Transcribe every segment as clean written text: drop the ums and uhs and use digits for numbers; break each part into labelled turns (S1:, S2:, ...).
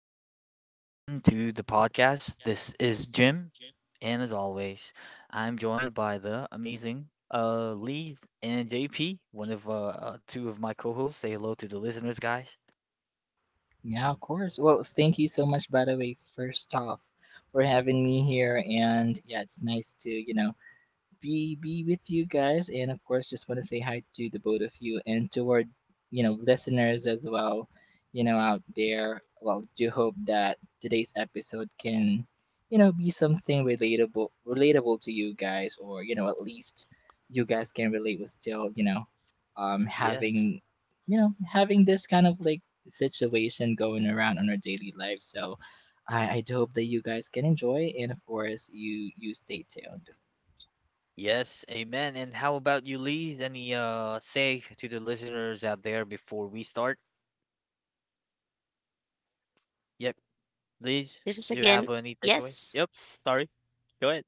S1: Welcome back again to the podcast. This is Jim, and as always, I'm joined by the amazing Lee and JP, one of two of my co-hosts. Say hello to the listeners, guys.
S2: Yeah, of course. Well, thank you so much, by the way, first off, for having me here. And yeah, it's nice to, be with you guys and of course just want to say hi to the both of you and toward listeners as well, out there. Well, do hope that today's episode can, be something relatable to you guys, or at least you guys can relate with still,
S1: Yes.
S2: having, having this kind of like situation going around on our daily life. So I do hope that you guys can enjoy and of course you stay tuned.
S1: Yes, amen. And how about you, Lee? Any say to the listeners out there before we start? Yep, Lee, do you have any takeaway? Yep, sorry. Go ahead.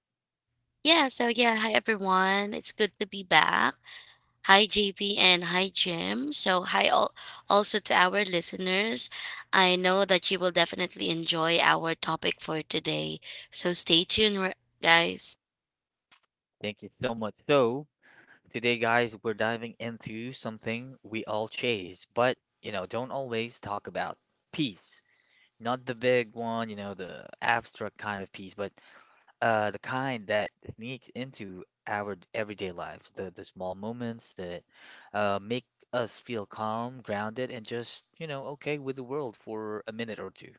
S1: Thank you so much. So, today, guys, we're diving into something we all chase, but you know, don't always talk about peace. Not the big one, you know, the abstract kind of peace, but the kind that sneaks into our everyday lives, the small moments that make us feel calm, grounded, and just, you know, okay with the world for a minute or two.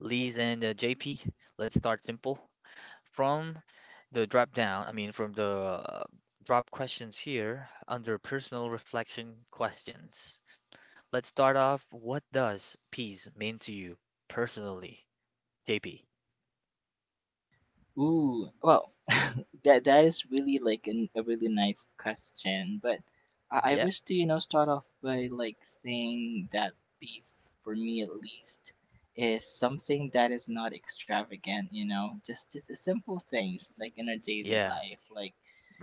S1: Lise and JP, let's start simple. From the drop down, I mean, from the drop questions here under personal reflection questions. Let's start off. What does peace mean to you personally, JP?
S2: Ooh, well, that is really like a really nice question, but I
S1: Yep.
S2: wish to, start off by like saying that peace for me, at least, is something that is not extravagant, you know, just the simple things like in our daily
S1: Yeah.
S2: life, like,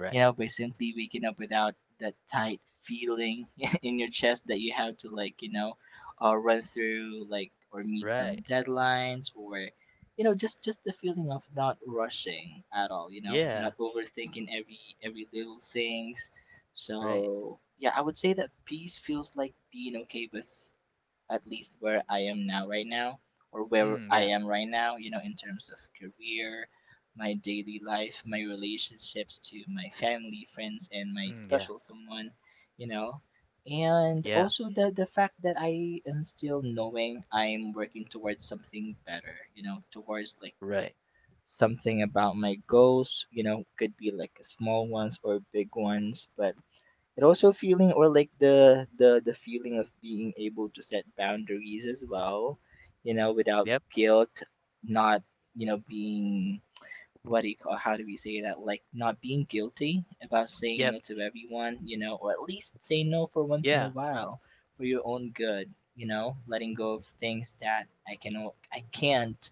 S2: you know, by simply waking up without that tight feeling in your chest, that you have to like, you know, run through like, or meet some
S1: Right.
S2: deadlines, or, you know, just the feeling of not rushing at all, you know, not
S1: Yeah.
S2: overthinking every little things.
S1: Right.
S2: So yeah, I would say that peace feels like being okay with at least where I am now, right now, or where
S1: Mm,
S2: I
S1: yeah.
S2: am right now, you know, in terms of career, my daily life, my relationships to my family, friends, and my
S1: Mm, yeah.
S2: special someone, you know. And
S1: Yeah.
S2: also the fact that I am still knowing I'm working towards something better, you know, towards like
S1: Right.
S2: something about my goals, you know, could be like small ones or big ones, but it also feeling, or like the feeling of being able to set boundaries as well, you know, without
S1: Yep.
S2: guilt. Not, you know, being, what do you call, how do we say that, like, not being guilty about saying
S1: Yep.
S2: no to everyone, you know, or at least say no for once in a
S1: Yeah.
S2: while, for your own good. You know, letting go of things that I can't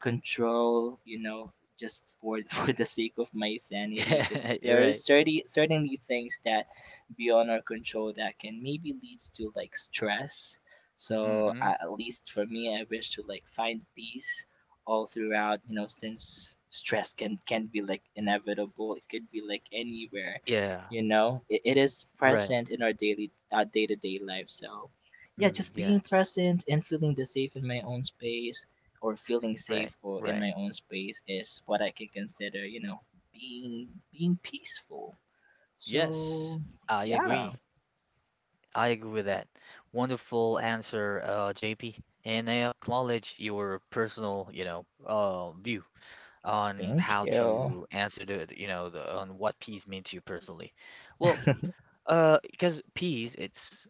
S2: control, you know, just for for the sake of my sanity, because
S1: Yeah.
S2: there is
S1: Right.
S2: certainly things that beyond our control that can maybe leads to like stress. So
S1: Mm-hmm.
S2: at least for me, I wish to like find peace all throughout, you know, since stress can be like inevitable, it could be like anywhere,
S1: Yeah.
S2: you know, it is
S1: Right.
S2: present in our daily, our day-to-day life. So yeah,
S1: Mm,
S2: just being
S1: yes.
S2: present and feeling the safe in my own space, or feeling
S1: Right.
S2: safe or in
S1: Right.
S2: my own space is what I can consider, you know, being peaceful.
S1: Yes.
S2: So
S1: I
S2: yeah,
S1: agree. I agree with that. Wonderful answer, JP. And I acknowledge your personal, you know, view on
S2: thank
S1: how
S2: you.
S1: to answer you know, the, on what peace means to you personally. Well, because peace, it's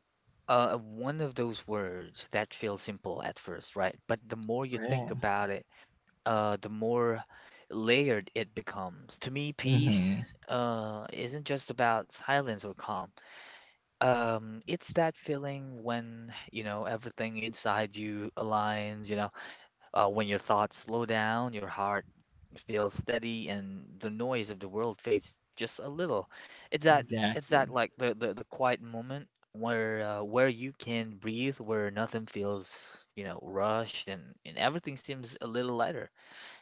S1: one of those words that feels simple at first, right? But the more you think
S2: Right.
S1: about it, the more layered it becomes. To me, peace,
S2: Mm-hmm.
S1: isn't just about silence or calm. It's that feeling when, you know, everything inside you aligns, you know, when your thoughts slow down, your heart feels steady, and the noise of the world fades just a little. It's that, it's that
S2: Exactly.
S1: like the quiet moment where you can breathe, where nothing feels, you know, rushed, and everything seems a little lighter.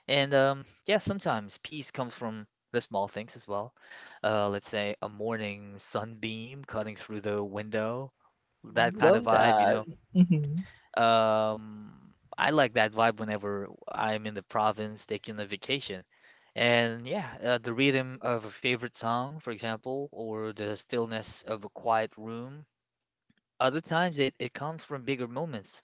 S1: And yeah, sometimes peace comes from the small things as well. Let's say a morning sunbeam cutting through the window, that kind
S2: Love
S1: of vibe, you
S2: that.
S1: know.
S2: Mm-hmm.
S1: I like that vibe whenever I'm in the province taking a vacation. And yeah, the rhythm of a favorite song, for example, or the stillness of a quiet room. Other times it comes from bigger moments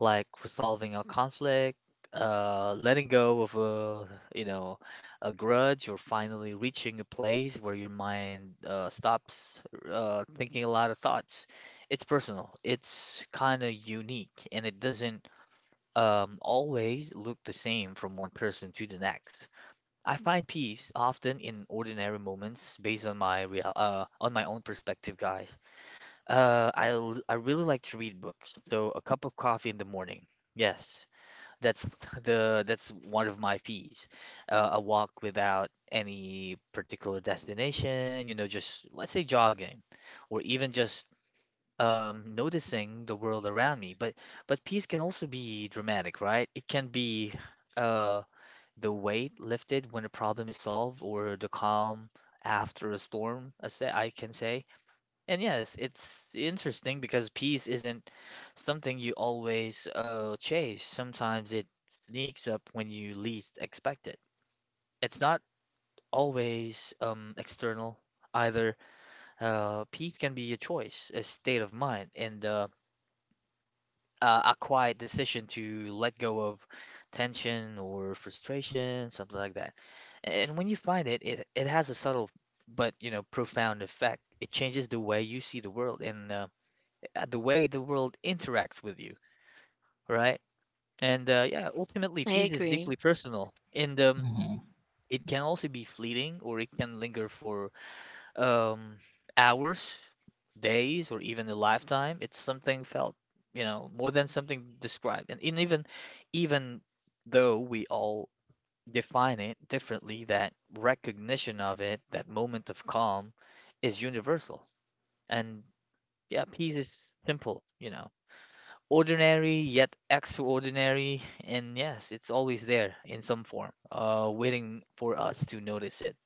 S1: like resolving a conflict, letting go of a, you know, a grudge, or finally reaching a place where your mind stops thinking a lot of thoughts. It's personal. It's kind of unique, and it doesn't always look the same from one person to the next. I find peace often in ordinary moments based on my own perspective, guys. I really like to read books, so a cup of coffee in the morning. Yes, that's the that's one of my fees. A walk without any particular destination, you know, just let's say jogging, or even just noticing the world around me. But peace can also be dramatic, right? It can be uh, the weight lifted when a problem is solved, or the calm after a storm, I can say. And yes, it's interesting because peace isn't something you always chase. Sometimes it sneaks up when you least expect it. It's not always external either. Peace can be a choice, a state of mind, and a quiet decision to let go of tension or frustration, something like that. And when you find it, it has a subtle but you know profound effect. It changes the way you see the world and the way the world interacts with you, right? And yeah, ultimately, peace is deeply personal, and
S2: Mm-hmm.
S1: it can also be fleeting, or it can linger for um, hours, days, or even a lifetime. It's something felt, you know, more than something described. Even though we all define it differently, that recognition of it, that moment of calm, is universal. And yeah, peace is simple, you know ordinary yet extraordinary, and yes, it's always there in some form, waiting for us to notice it.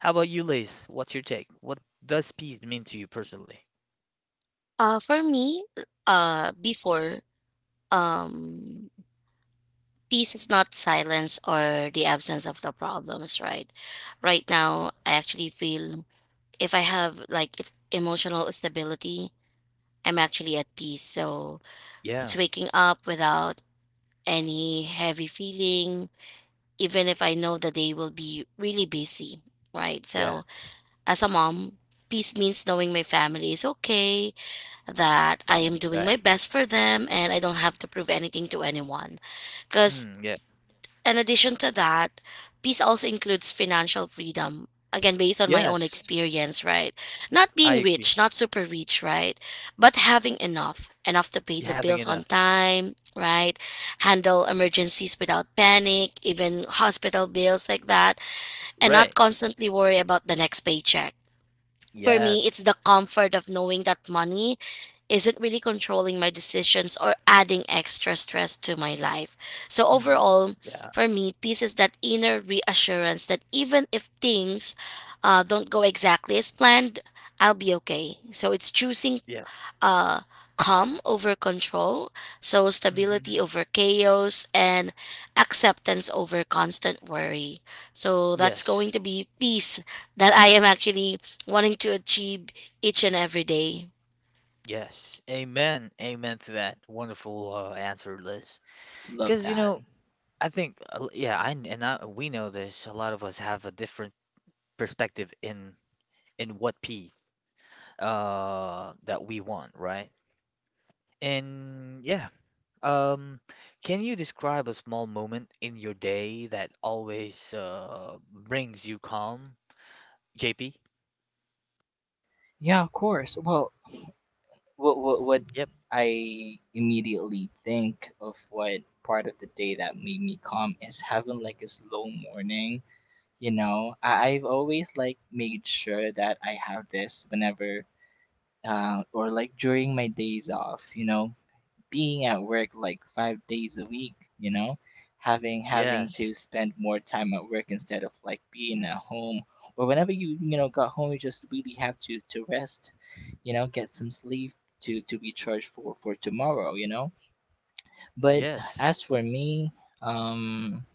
S1: How about you, Lace? What's your take? What does speed mean to you personally? Yeah, yes, right, right. Mm, yeah, yes, I agree. Having enough, right? Yes. Mm, yeah, yeah. Hmm. Yes, yes. Amen. Amen to that. Wonderful answer, Liz.
S2: Love
S1: Because, you
S2: that.
S1: know, I think, yeah, I, we know this. A lot of us have a different perspective in what P that we want, right? And yeah, um, can you describe a small moment in your day that always brings you calm, JP?
S2: Yeah, of course. Well, what
S1: Yep.
S2: I immediately think of what part of the day that made me calm is having like a slow morning. You know, I've always like made sure that I have this whenever, or like during my days off. You know, being at work like 5 days a week, you know, having
S1: Yes.
S2: to spend more time at work instead of like being at home, or whenever you know got home, you just really have to rest, you know, get some sleep to be charged for tomorrow, you know. But
S1: Yes.
S2: as for me, um,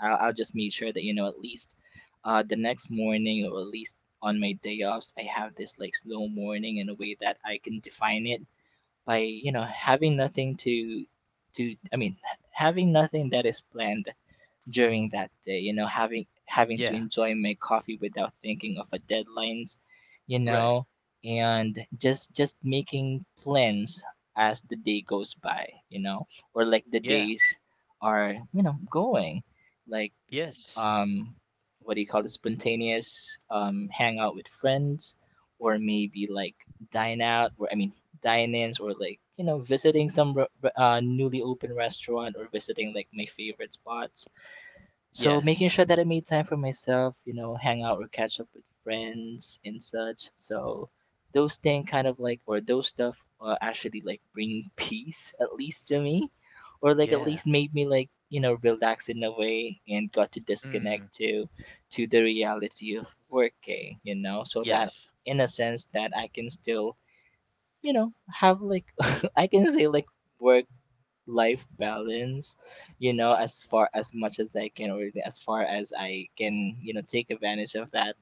S2: I'll just make sure that, you know, at least the next morning, or at least on my day offs, I have this like slow morning in a way that I can define it by, you know, having nothing to to i mean having nothing that is planned during that day, you know, having to
S1: Yeah.
S2: enjoy my coffee without thinking of a deadlines, you
S1: Right.
S2: know. And just making plans as the day goes by, you know, or like the
S1: Yeah.
S2: days are, you know, going like,
S1: Yes.
S2: um, what do you call it, spontaneous hangout with friends, or maybe like dine out, or I mean dine-ins, or like, you know, visiting some newly open restaurant, or visiting like my favorite spots. So making
S1: Yes.
S2: sure that I made time for myself, you know, hang out or catch up with friends and such. So those thing kind of like, or those stuff, actually like bring peace, at least to me, or like at
S1: Yeah.
S2: least made me like, you know, relax in a way, and got to
S1: Mm.
S2: disconnect to the reality of working. You know, so that
S1: Yes.
S2: in a sense that I can still, you know, have like, I can say like work life balance, you know, as far as much as I can, or as far as I can, you know, take advantage of that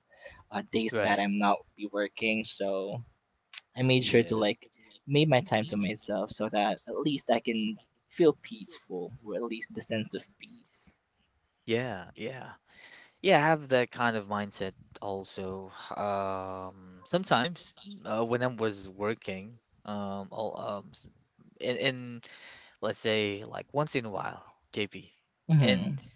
S2: days that
S1: Right.
S2: I'm not be working. So I made sure to
S1: Yeah.
S2: like made my time to myself so that at least I can feel peaceful, or at least the sense of peace.
S1: Yeah. Yeah. Yeah, I have that kind of mindset also. Sometimes when I was working, I'll, s- in let's say like once in a while, JP, and
S2: Mm-hmm.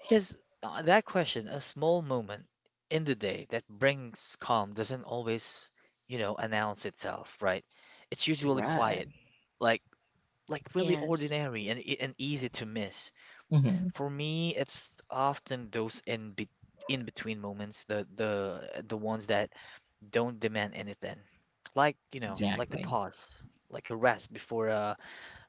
S1: because that question, a small moment in the day that brings calm doesn't always, you know, announce itself, right? It's usually
S2: Right.
S1: quiet, like like really ordinary and and easy to miss.
S2: Mm-hmm.
S1: For me, it's often those in between moments, the ones that don't demand anything, like you know, like the
S2: Exactly.
S1: pause, like a rest before uh,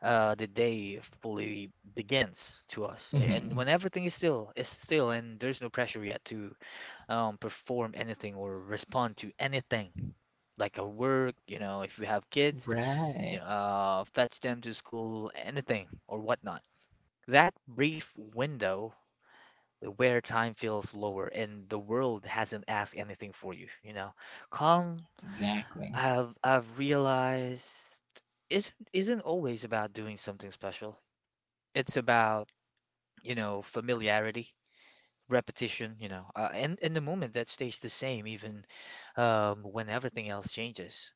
S1: uh the day fully begins to us,
S2: Mm-hmm.
S1: and when everything is still, and there's no pressure yet to perform anything or respond to anything, like our work, you know, if we have kids, you
S2: Right.
S1: know, fetch them to school, anything or whatnot. That brief window where time feels lower and the world hasn't asked anything for you, you know. Calm,
S2: Exactly.
S1: I've realized isn't always about doing something special. It's about, you know, familiarity repetition you know and the moment that stays the same even when everything else changes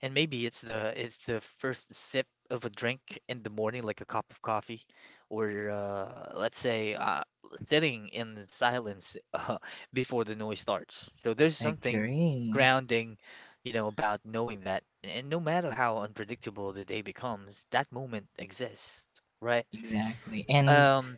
S1: and maybe it's the first sip of a drink in the morning like a cup of coffee or let's say sitting in silence before the noise starts so there's something
S2: Agree.
S1: grounding you know about knowing that and no matter how unpredictable the day becomes that moment exists right
S2: Exactly. And
S1: um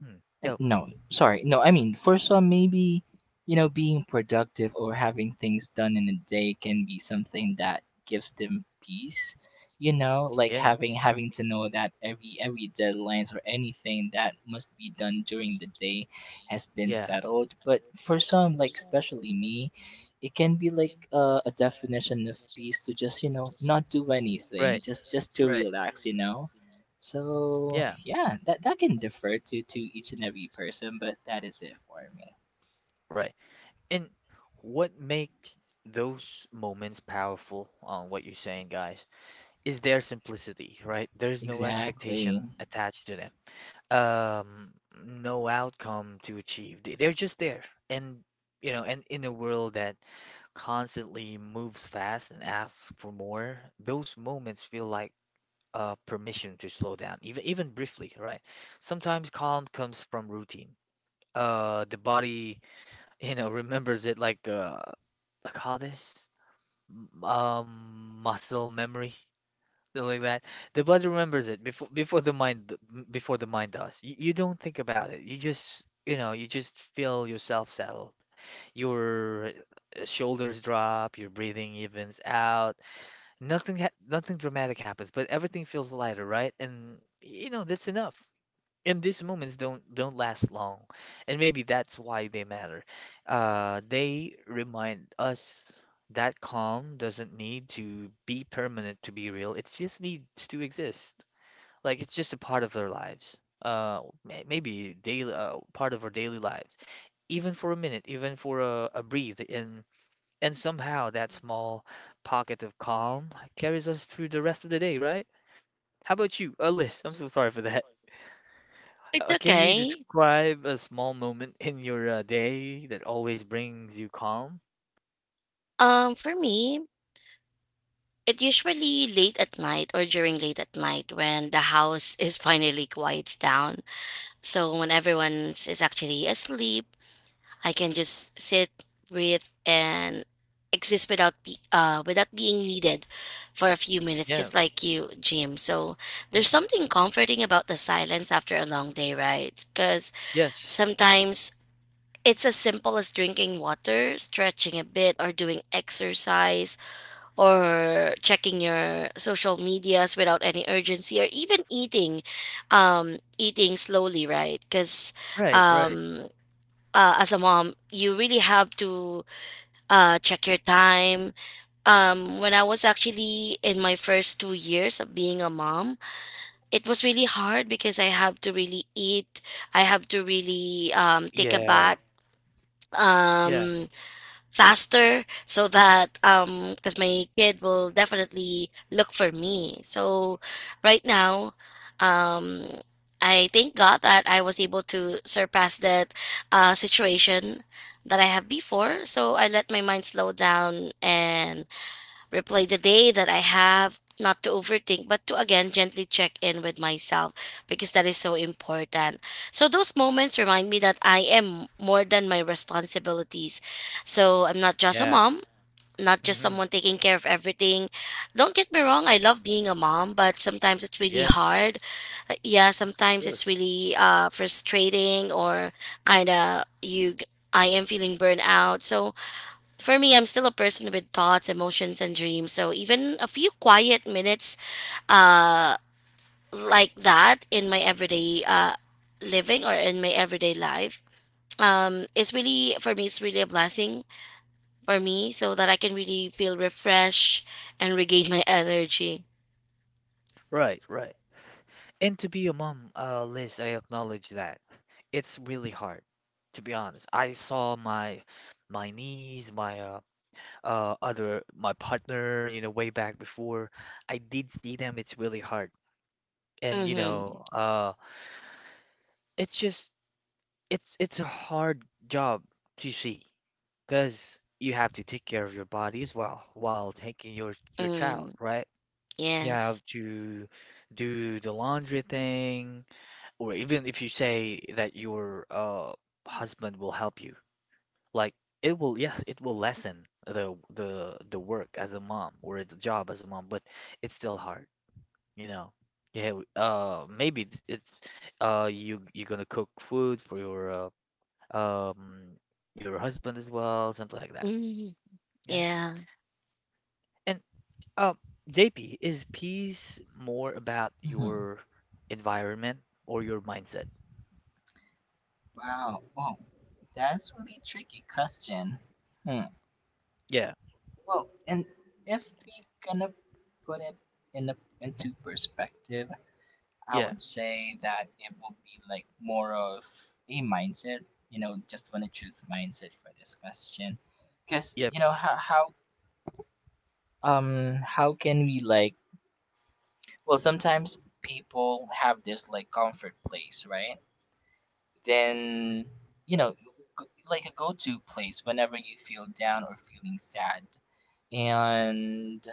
S1: hmm,
S2: And
S1: yo
S2: no, sorry. No, I mean, for some, maybe, you know, being productive or having things done in a day can be something that gives them peace. You know, like
S1: yeah
S2: having to know that every deadlines or anything that must be done during the day has been
S1: yeah
S2: settled. But for some, like especially me, it can be like a definition of peace to just, you know, not do anything,
S1: right
S2: just to
S1: right.
S2: relax. You know, so
S1: Yeah,
S2: yeah, that can differ to each and every person, but that is it for me.
S1: right. And what makes those moments powerful on what you're saying, guys, is their simplicity, right? There's no
S2: Exactly.
S1: expectation attached to them. Um, no outcome to achieve. They're just there. And you know, and in a world that constantly moves fast and asks for more, those moments feel like permission to slow down, even even briefly, right? Sometimes calm comes from routine. The body you know, remembers it like how muscle memory something like that. The body remembers it before the mind d- m- before the mind does. You don't think about it. You just you know you just feel yourself settle. Your shoulders drop. Your breathing evens out. Nothing dramatic happens, but everything feels lighter, right? And you know that's enough and these moments don't last long and maybe that's why they matter they remind us that calm doesn't need to be permanent to be real it just needs to exist like it's just a part of our lives maybe daily part of our daily lives even for a minute even for a breathe and somehow that small pocket of calm carries us through the rest of the day right. How about you a list, I'm so sorry for that. Uh, can you describe a small moment in your day that always brings you calm? Yeah. Hmm. Yes. Right, right. Yeah. Yeah. Yeah. Hmm. Yes. Yes, of course. Right, right. And to be a mom, Liz, I acknowledge that. It's really hard, to be honest. I saw my my niece, my partner, you know, way back before. I did see them. It's really hard. And you know, it's just it's a hard job to see because you have to take care of your body as well while taking your child, right? You have to do the laundry thing, or even if you say that your husband will help you, like it will, yes, it will lessen the work as a mom or the job as a mom, but it's still hard, you know. Yeah, maybe it's you you're gonna cook food for um, your husband as well, something like that. Yeah. And um, JP, is peace more about
S2: Hmm.
S1: your environment or your mindset?
S2: Wow. Wow. That's really tricky question. Hmm.
S1: Yeah,
S2: Well, and if we gonna put it in a, into perspective, I
S1: yeah,
S2: would say that it will be like more of a mindset. You know, just want to choose mindset for this question, because
S1: yep,
S2: you know how can we like, well, sometimes people have this like comfort place, right? Then, you know, like a go to place whenever you feel down or feeling sad. And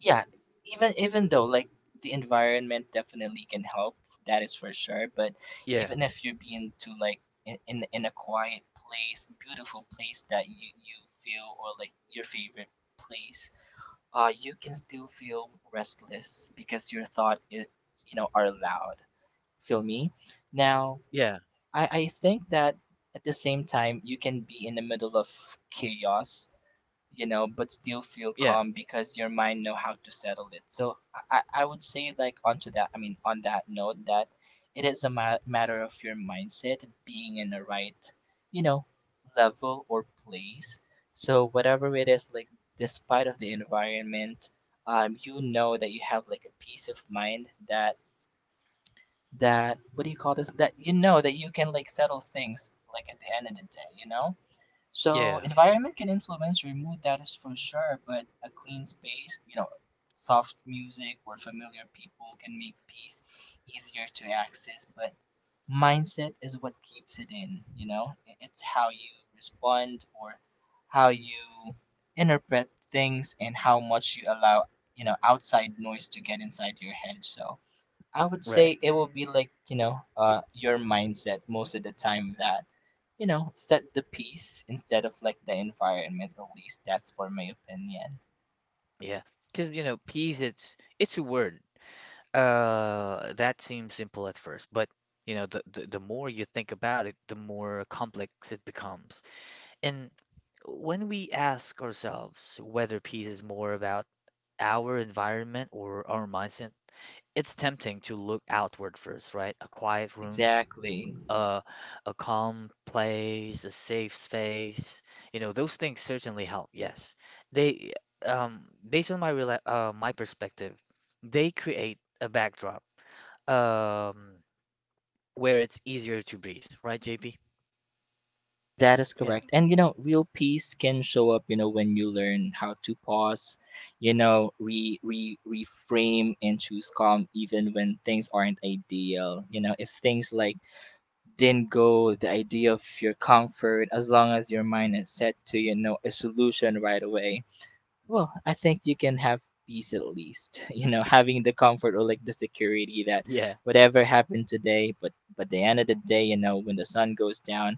S2: yeah, even though like the environment definitely can help, that is for sure. But
S1: yeah,
S2: even if you're being to like in a quiet place, beautiful place that you feel, or like your favorite place, you can still feel restless because your thought I you know are loud. Feel me now?
S1: yeah,
S2: I think that at the same time, you can be in the middle of chaos, you know, but still feel
S1: yeah,
S2: calm because your mind know how to settle it. So, I would say like onto that, I mean, on that note, that it is a matter of your mindset being in the right, you know, level or place. So whatever it is, like despite of the environment, you know that you have like a peace of mind that, that, what do you call this, that you know that you can like settle things like at the end of the day, you know? So
S1: yeah,
S2: environment can influence your mood, that is for sure, but a clean space, you know, soft music or familiar people can make peace easier to access. But mindset is what keeps it in, you know. It's how you respond, or how you interpret things, and how much you allow, you know, outside noise to get inside your head. So I would
S1: right,
S2: say it will be like, you know, your mindset most of the time that, you know, set the piece instead of like the environment. At least that's for my opinion.
S1: yeah. Because you know, peace, it's a word. That seems simple at first, but you know, the more you think about it, the more complex it becomes. And when we ask ourselves whether peace is more about our environment or our mindset, it's tempting to look outward first, right? A quiet room,
S2: Exactly.
S1: uh, a calm place, a safe space. You know, those things certainly help. Yes, they, based on my rela my perspective, they create a backdrop, um, where it's easier to breathe, right, JP?
S2: That is
S1: Yeah.
S2: correct. And you know, real peace can show up, you know, when you learn how to pause, you know, re re reframe and choose calm even when things aren't ideal. You know, if things like didn't go the idea of your comfort, as long as your mind is set to, you know, a solution right away, well, I think you can have peace, at least, you know, having the comfort or like the security that
S1: Yeah.
S2: whatever happened today, but the end of the day, you know, when the sun goes down,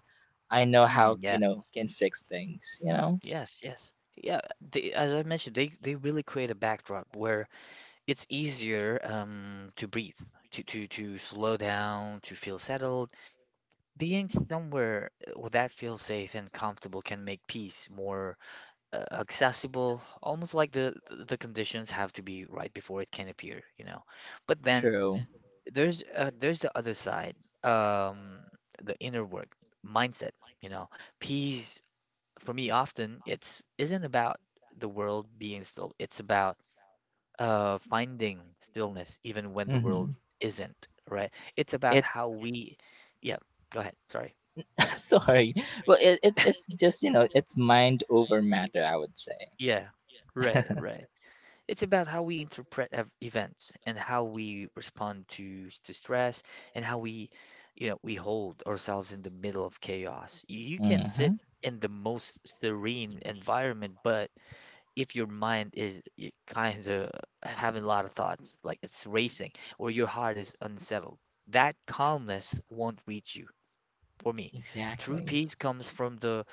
S2: I know
S1: Mm,
S2: how, you
S1: yeah.
S2: know, can fix things, you know.
S1: Yes. Yes. Yeah. They, as I mentioned, they really create a backdrop where it's easier to breathe, to slow down, to feel settled. Being somewhere where that feels safe and comfortable can make peace more accessible, almost like the conditions have to be right before it can appear, you know. But then
S2: True.
S1: there's the other side, um, the inner work, mindset, you know. Peace for me often it's isn't about the world being still. It's about finding stillness even when the
S2: Mm-hmm.
S1: world isn't, right? It's about
S2: It's
S1: how we, yeah, go ahead, sorry.
S2: sorry, well, it's just, you know, it's mind over matter, I would say.
S1: Yeah, right, right. It's about how we interpret events and how we respond to to stress and how we, you know, we hold ourselves in the middle of chaos. You can
S2: Mm-hmm.
S1: sit in the most serene environment, but if your mind is kind of having a lot of thoughts, like it's racing, or your heart is unsettled, that calmness won't reach you. For me, true
S2: Exactly.
S1: peace comes from the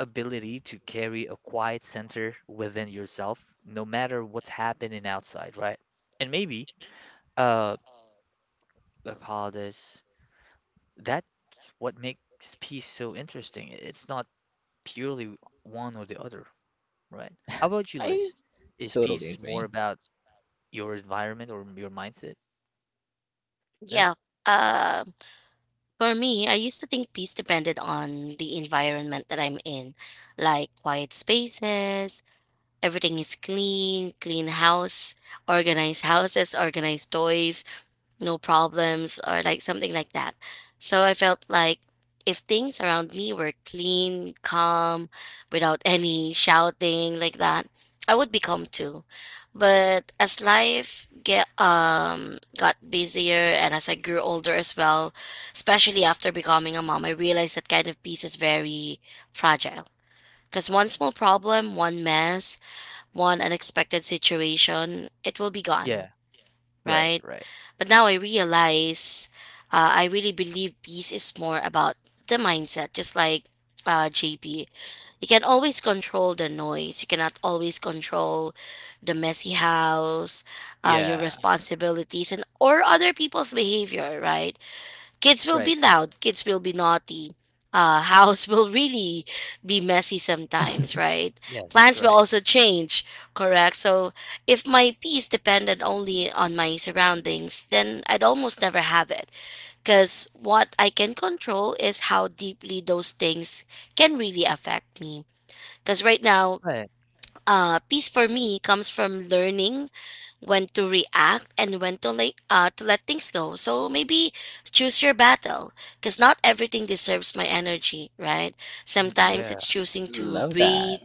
S1: ability to carry a quiet center within yourself, no matter what's happening outside, right? And maybe, uh, let's call this that's what makes peace so interesting. It's not purely one or the other, right? How about you,
S2: I
S1: Liz? Is
S2: totally
S1: peace more
S2: agree.
S1: about your environment or your mindset? Yep. Yeah. Right. Right. Yeah. Right. Yes. Right. Right. Mm, yeah.
S2: Love that.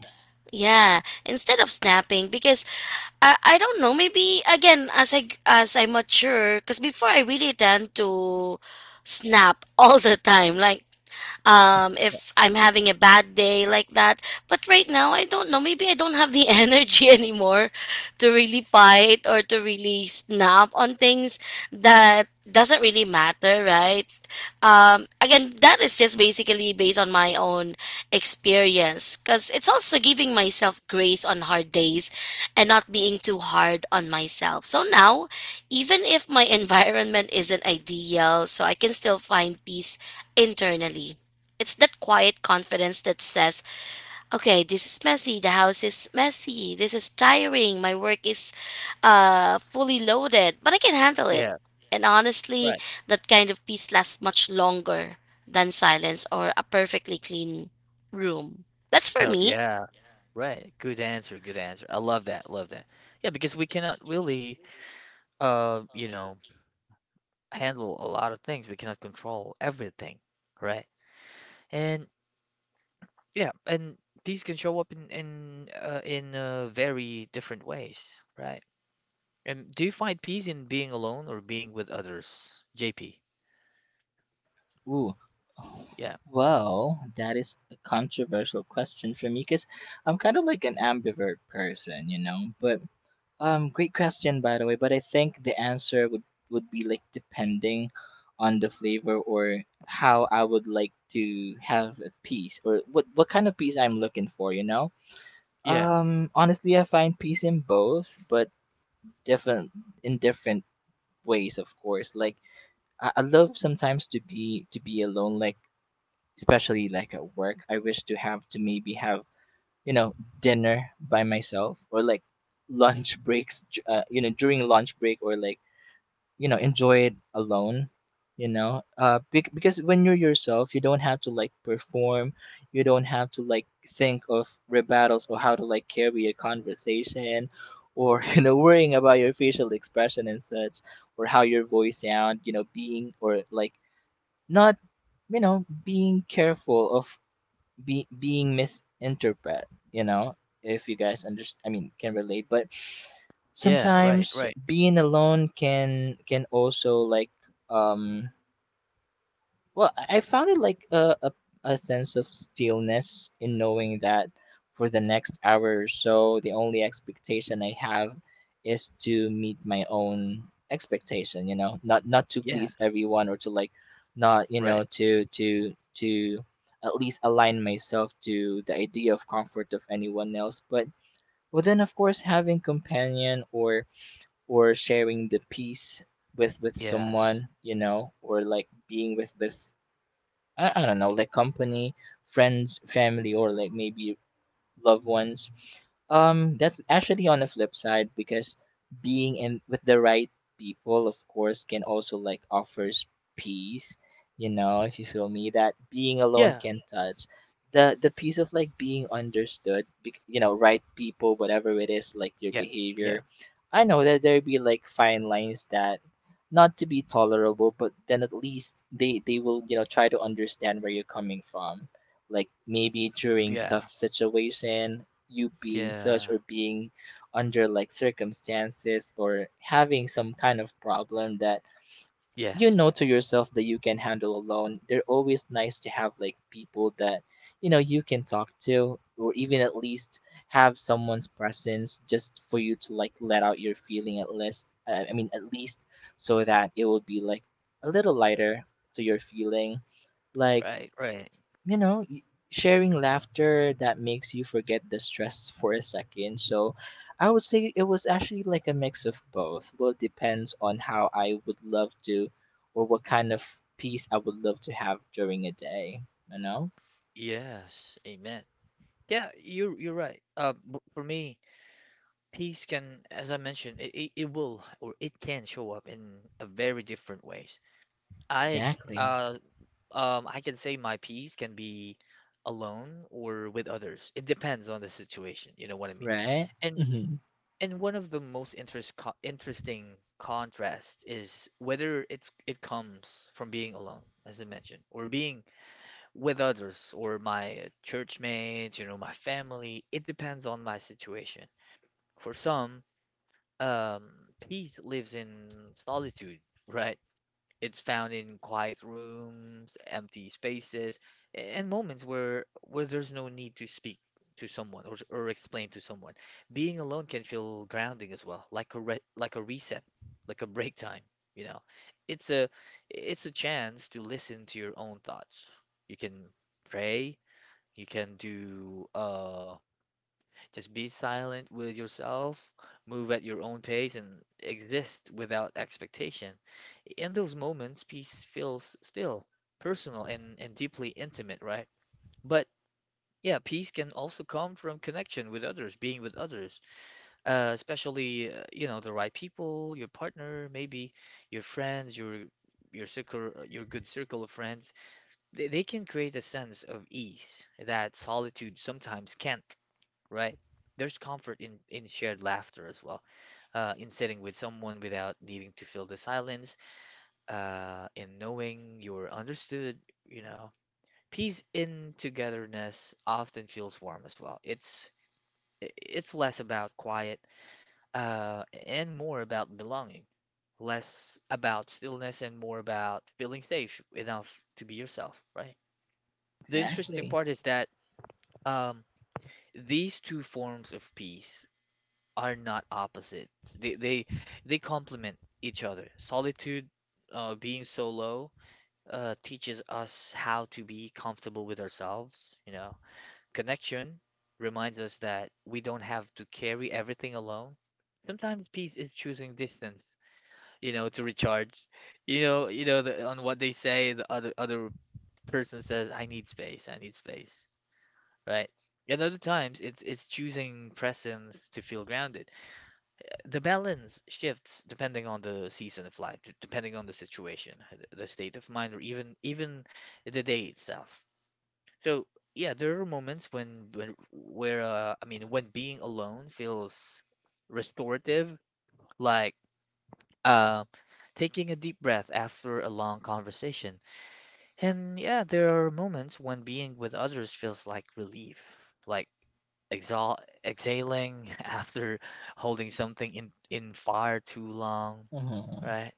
S1: Yeah. Right. But yeah. Right. Good answer. Good answer. I love that. Love that. Yeah, because we cannot really, you know, handle a lot of things. We cannot control everything. Right. And yeah, and these can show up in very different ways. Right. And do you find peace in being alone or being with others, JP?
S2: Ooh.
S1: Yeah.
S2: Well, that is a controversial question for me, because I'm kind of like an ambivert person, you know. But great question, by the way. But I think the answer would be like depending on the flavor, or how I would like to have a piece, or what kind of piece I'm looking for, you know.
S1: Yeah.
S2: Honestly, I find peace in both, but different in different ways, of course. Like I love sometimes to be alone, like especially like at work. I wish to have to maybe have dinner by myself or like lunch breaks. You know, during lunch break or like you know enjoy it alone. You know, because when you're yourself, you don't have to like perform. You don't have to like think of rebuttals or how to like carry a conversation, or you know worrying about your facial expression and such, or how your voice sound, you know, being or like not, you know, being careful of being misinterpreted, you know, if you guys understand I mean can relate. But
S1: Yeah, right,
S2: sometimes
S1: right.
S2: being alone can also like um well, I found it like a sense of stillness in knowing that for the next hour or so, the only expectation I have is to meet my own expectation, you know, not to
S1: Yeah,
S2: please everyone, or to like not, you know,
S1: right.
S2: to at least align myself to the idea of comfort of anyone else. But well then of course having companion, or sharing the peace with
S1: Yes.
S2: someone, you know, or like being with I don't know, like company, friends, family, or like maybe loved ones. That's actually on the flip side because being in with the right people, of course, can also like offers peace. You know, if you feel me, that being alone
S1: Yeah.
S2: can touch the piece of like being understood. You know, right people, whatever it is, like your
S1: Yeah. Yeah.
S2: behavior. I know that there be like fine lines that not to be tolerable, but then at least they will you know try to understand where you're coming from, like maybe during
S1: Yeah.
S2: tough situation you being such,
S1: Yeah.
S2: or being under like circumstances, or having some kind of problem that you
S1: Yes.
S2: know to yourself that you can handle alone. They're always nice to have like people that you know you can talk to, or even at least have someone's presence just for you to like let out your feeling at least, I mean at least so that it will be like a little lighter to your feeling, like
S1: Right, right.
S2: you know, sharing laughter that makes you forget the stress for a second. So I would say it was actually like a mix of both. Well, it depends on how I would love to, or what kind of peace I would love to have during a day, you know.
S1: Yes. Amen. Yeah, you're right. For me, peace can, as I mentioned, it will or it can show up in a very different ways. I c-
S2: Exactly.
S1: uh I can say my peace can be alone or with others. It depends on the situation, you know what I mean?
S2: Right. Hmm.
S1: And one of the most interesting contrasts is whether it comes from being alone, as I mentioned, or being with others, or my church mates, you know, my family. It depends on my situation. For some, um, peace lives in solitude, right? It's found in quiet rooms, empty spaces, and moments where there's no need to speak to someone, or explain to someone. Being alone can feel grounding as well, like a reset, like a break time, you know. It's a it's a chance to listen to your own thoughts. You can pray, you can do just be silent with yourself, move at your own pace, and exist without expectation. In those moments, peace feels still, personal, and deeply intimate, right? But yeah, peace can also come from connection with others, being with others, especially you know, the right people, your partner, maybe your friends, your circle, your good circle of friends. They can create a sense of ease that solitude sometimes can't. Right. There's comfort in shared laughter as well, in sitting with someone without needing to fill the silence, in knowing you're understood, you know. Peace in togetherness often feels warm as well. It's less about quiet, and more about belonging, less about stillness and more about feeling safe enough to be yourself, right? The interesting
S2: Exactly.
S1: part is that um, these two forms of peace are not opposite. They they they complement each other. Solitude, being solo, teaches us how to be comfortable with ourselves, you know. Connection reminds us that we don't have to carry everything alone. Sometimes peace is choosing distance, you know, to recharge. You know, you know, the, on what they say, the other person says, "I need space. I need space." Right? And other times, it's choosing presence to feel grounded. The balance shifts depending on the season of life, depending on the situation, the state of mind, or even the day itself. So yeah, there are moments when where I mean when being alone feels restorative, like uh, taking a deep breath after a long conversation. And yeah, there are moments when being with others feels like relief, like exhal exhaling after holding something in fire too long.
S2: Hmm.
S1: Right.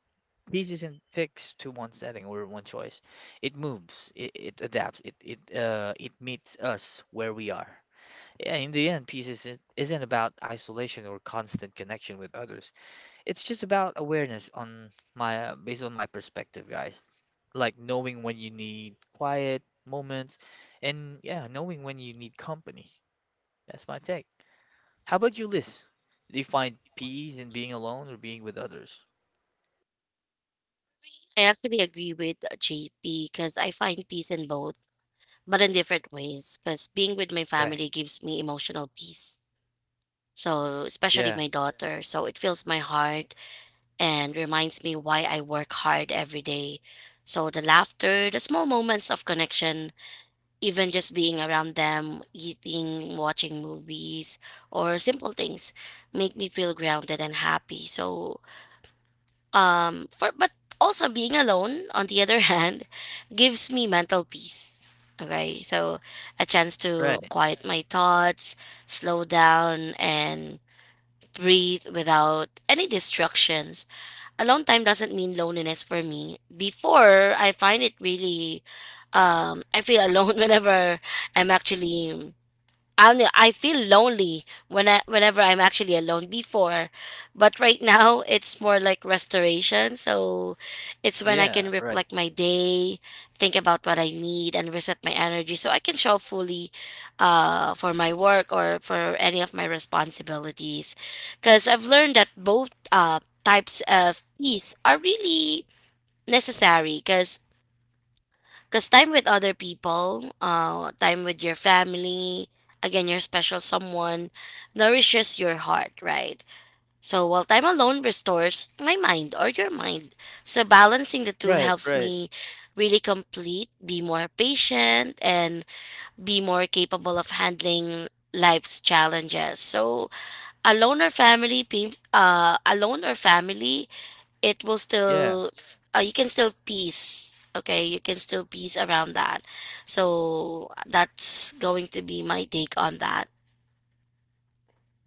S1: Peace isn't fixed to one setting or one choice. It moves, it adapts, it meets us where we are. Yeah, in the end, peace isn't about isolation or constant connection with others. It's just about awareness on my based on my perspective, guys. Like knowing when you need quiet moments, and yeah, knowing when you need company. That's my take. How about you, Liz? Do you find peace in being alone or being with others? Right. Yeah, right. Yeah, right. Right, right. Yeah.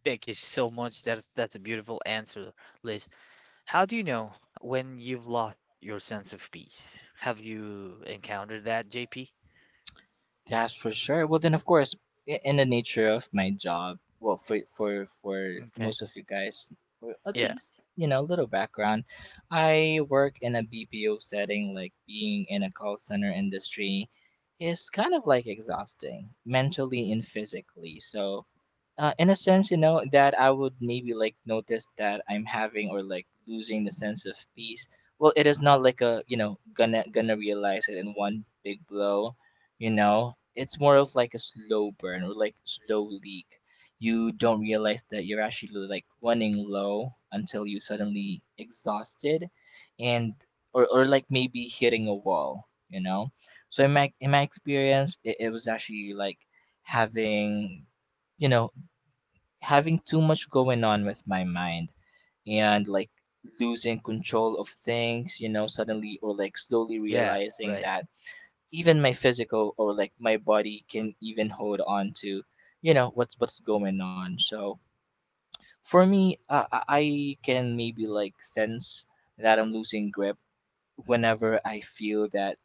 S1: Thank you so much. That's a beautiful answer, Liz. How do you know when you've lost your sense of peace? Have you encountered that, JP?
S2: That's for sure. Well, then, of course, in the nature of my job, well, for
S1: Okay.
S2: most of you guys, or at
S1: Yeah.
S2: least you know, little background. I work in a BPO setting, like being in a call center industry is kind of like exhausting mentally and physically. So, in a sense, you know, that I would maybe like notice that I'm having or like losing the sense of peace. Well, it is not like a you know gonna realize it in one big blow, you know. It's more of like a slow burn or like slow leak. You don't realize that you're actually like running low until you suddenly exhausted, and or like maybe hitting a wall, you know. So in my experience, it was actually like having you know having too much going on with my mind, and like losing control of things, you know, suddenly or like slowly
S1: Yeah.
S2: realizing
S1: Right.
S2: that even my physical or like my body can even hold on to, you know, what's going on. So for me, I can maybe like sense that I'm losing grip whenever I feel that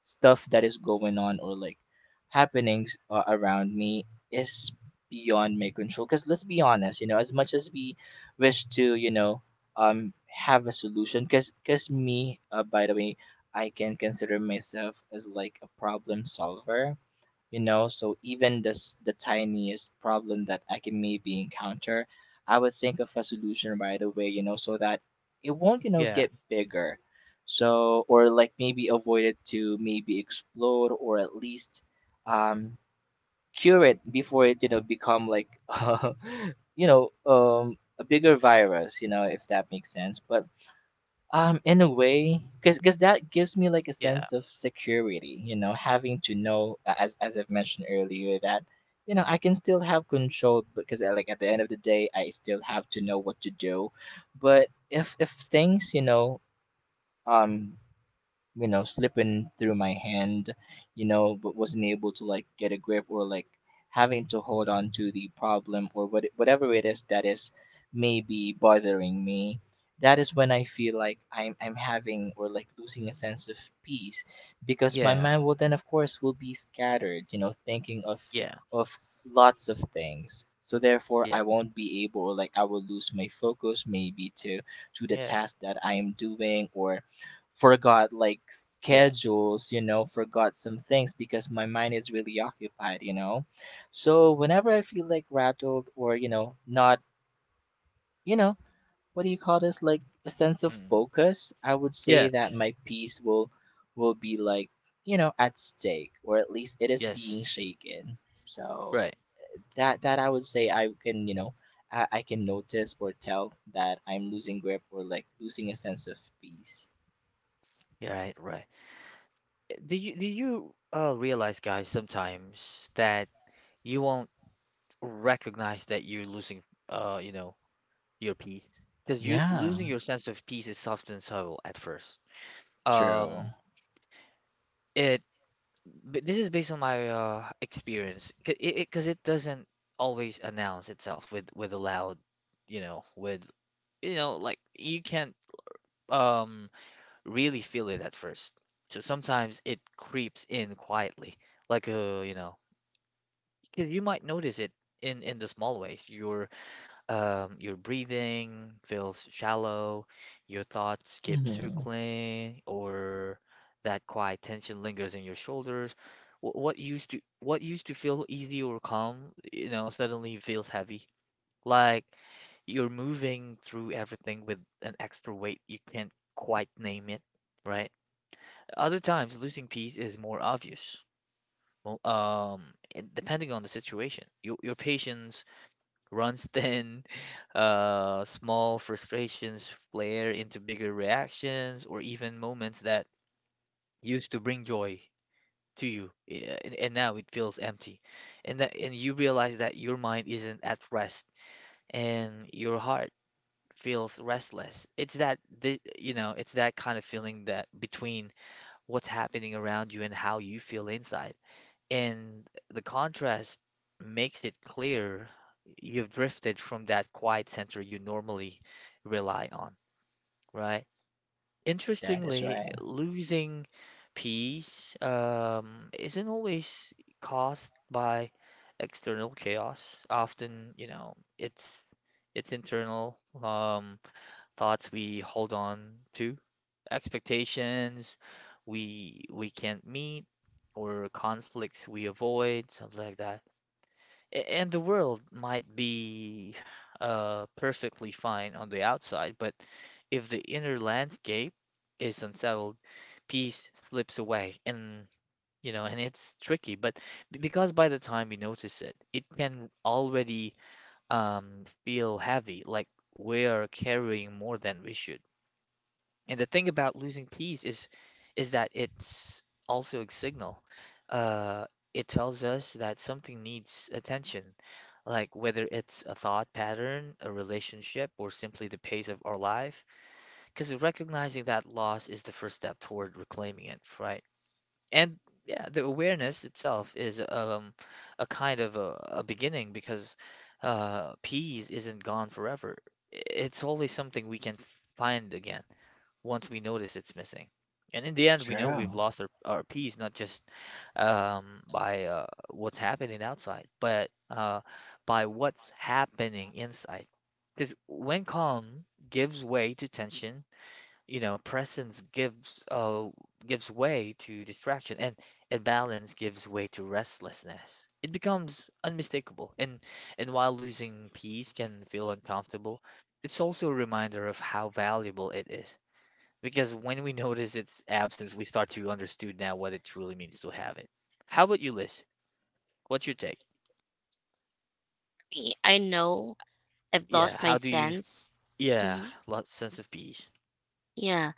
S2: stuff that is going on, or like happenings around me is beyond my control. Because let's be honest, you know, as much as we wish to you know have a solution, because me, by the way, I can consider myself as like a problem solver, you know. So even this the tiniest problem that I can maybe encounter, I would think of a solution right away, you know, so that it won't you know
S1: Yeah.
S2: get bigger. So or like maybe avoid it to maybe explode, or at least um cure it before it you know become like you know a bigger virus, you know, if that makes sense. But in a way, because that gives me like a
S1: Yeah.
S2: sense of security, you know, having to know, as I've mentioned earlier, that you know I can still have control. Because like at the end of the day, I still have to know what to do. But if things, um, you know slipping through my hand, you know, but wasn't able to like get a grip, or like having to hold on to the problem, or whatever it is that is maybe bothering me, that is when I feel like I'm having or like losing a sense of peace. Because my
S1: Yeah.
S2: mind will then of course will be scattered, you know, thinking of
S1: Yeah.
S2: of lots of things, so therefore
S1: Yeah.
S2: I won't be able, or like I will lose my focus maybe to the
S1: Yeah.
S2: task that I am doing, or forgot like
S1: Yeah.
S2: schedules, you know, forgot some things because my mind is really occupied, you know. So whenever I feel like rattled, or, you know, not, you know, what do you call this? Like a sense of
S1: Mm.
S2: focus, I would say
S1: Yeah.
S2: that my peace will be like, you know, at stake, or at least it is
S1: Yes.
S2: being shaken. So
S1: Right.
S2: that I would say I can, you know, I can notice or tell that I'm losing grip or like losing a sense of peace.
S1: Yeah, right. Right. Do you realize, guys, sometimes that you won't recognize that you're losing you know, your peace, because you
S2: Yeah,
S1: losing your sense of peace is soft and subtle at first.
S2: true.
S1: um it this is based on my experience, because 'cause it doesn't always announce itself with a loud, you know, like you can't um really feel it at first. So sometimes it creeps in quietly, like a, you know, because you might notice it in the small ways. Your breathing feels shallow, your thoughts keep
S2: Mm-hmm.
S1: circling, or that quiet tension lingers in your shoulders. What used to feel easy or calm, you know, suddenly feels heavy. Like you're moving through everything with an extra weight you can't quite name it, right? Other times, losing peace is more obvious. Well, and depending on the situation, your patience runs thin, small frustrations flare into bigger reactions, or even moments that used to bring joy to you, yeah, and now it feels empty. And that, and you realize that your mind isn't at rest, and your heart feels restless. You know, it's that kind of feeling that between what's happening around you and how you feel inside. And the contrast makes it clear you've drifted from that quiet center you normally rely on, right?
S2: That is
S1: Interestingly,
S2: right.
S1: losing peace isn't always caused by external chaos. Often, you know, it's internal, um, thoughts we hold on to, expectations we can't meet, or conflicts we avoid, something like that. And the world might be perfectly fine on the outside, but if the inner landscape is unsettled, peace slips away. And, you know, and it's tricky, but because by the time we notice it, it can already feel heavy, like we are carrying more than we should. And the thing about losing peace is that it's also a signal. Uh, it tells us that something needs attention, like whether it's a thought pattern, a relationship, or simply the pace of our life. Because recognizing that loss is the first step toward reclaiming it, right? And yeah, the awareness itself is a kind of a beginning, because peace isn't gone forever. It's always something we can find again once we notice it's missing. And in the end, we know we've
S2: True.
S1: lost our peace, not just by what's happening outside, but by what's happening inside. Because when calm gives way to tension, you know, presence gives way to distraction, and balance gives way to restlessness. It becomes unmistakable, and while losing peace can feel uncomfortable, it's also a reminder of how valuable it is, because when we notice its absence, we start to understand now what it truly means to have it. How about you, Liz? What's your take?
S3: Me. I know I've
S1: Yeah,
S3: lost my
S1: how do you?
S3: sense.
S1: Yeah,
S3: Mhm.
S1: lot sense of peace.
S3: Yeah.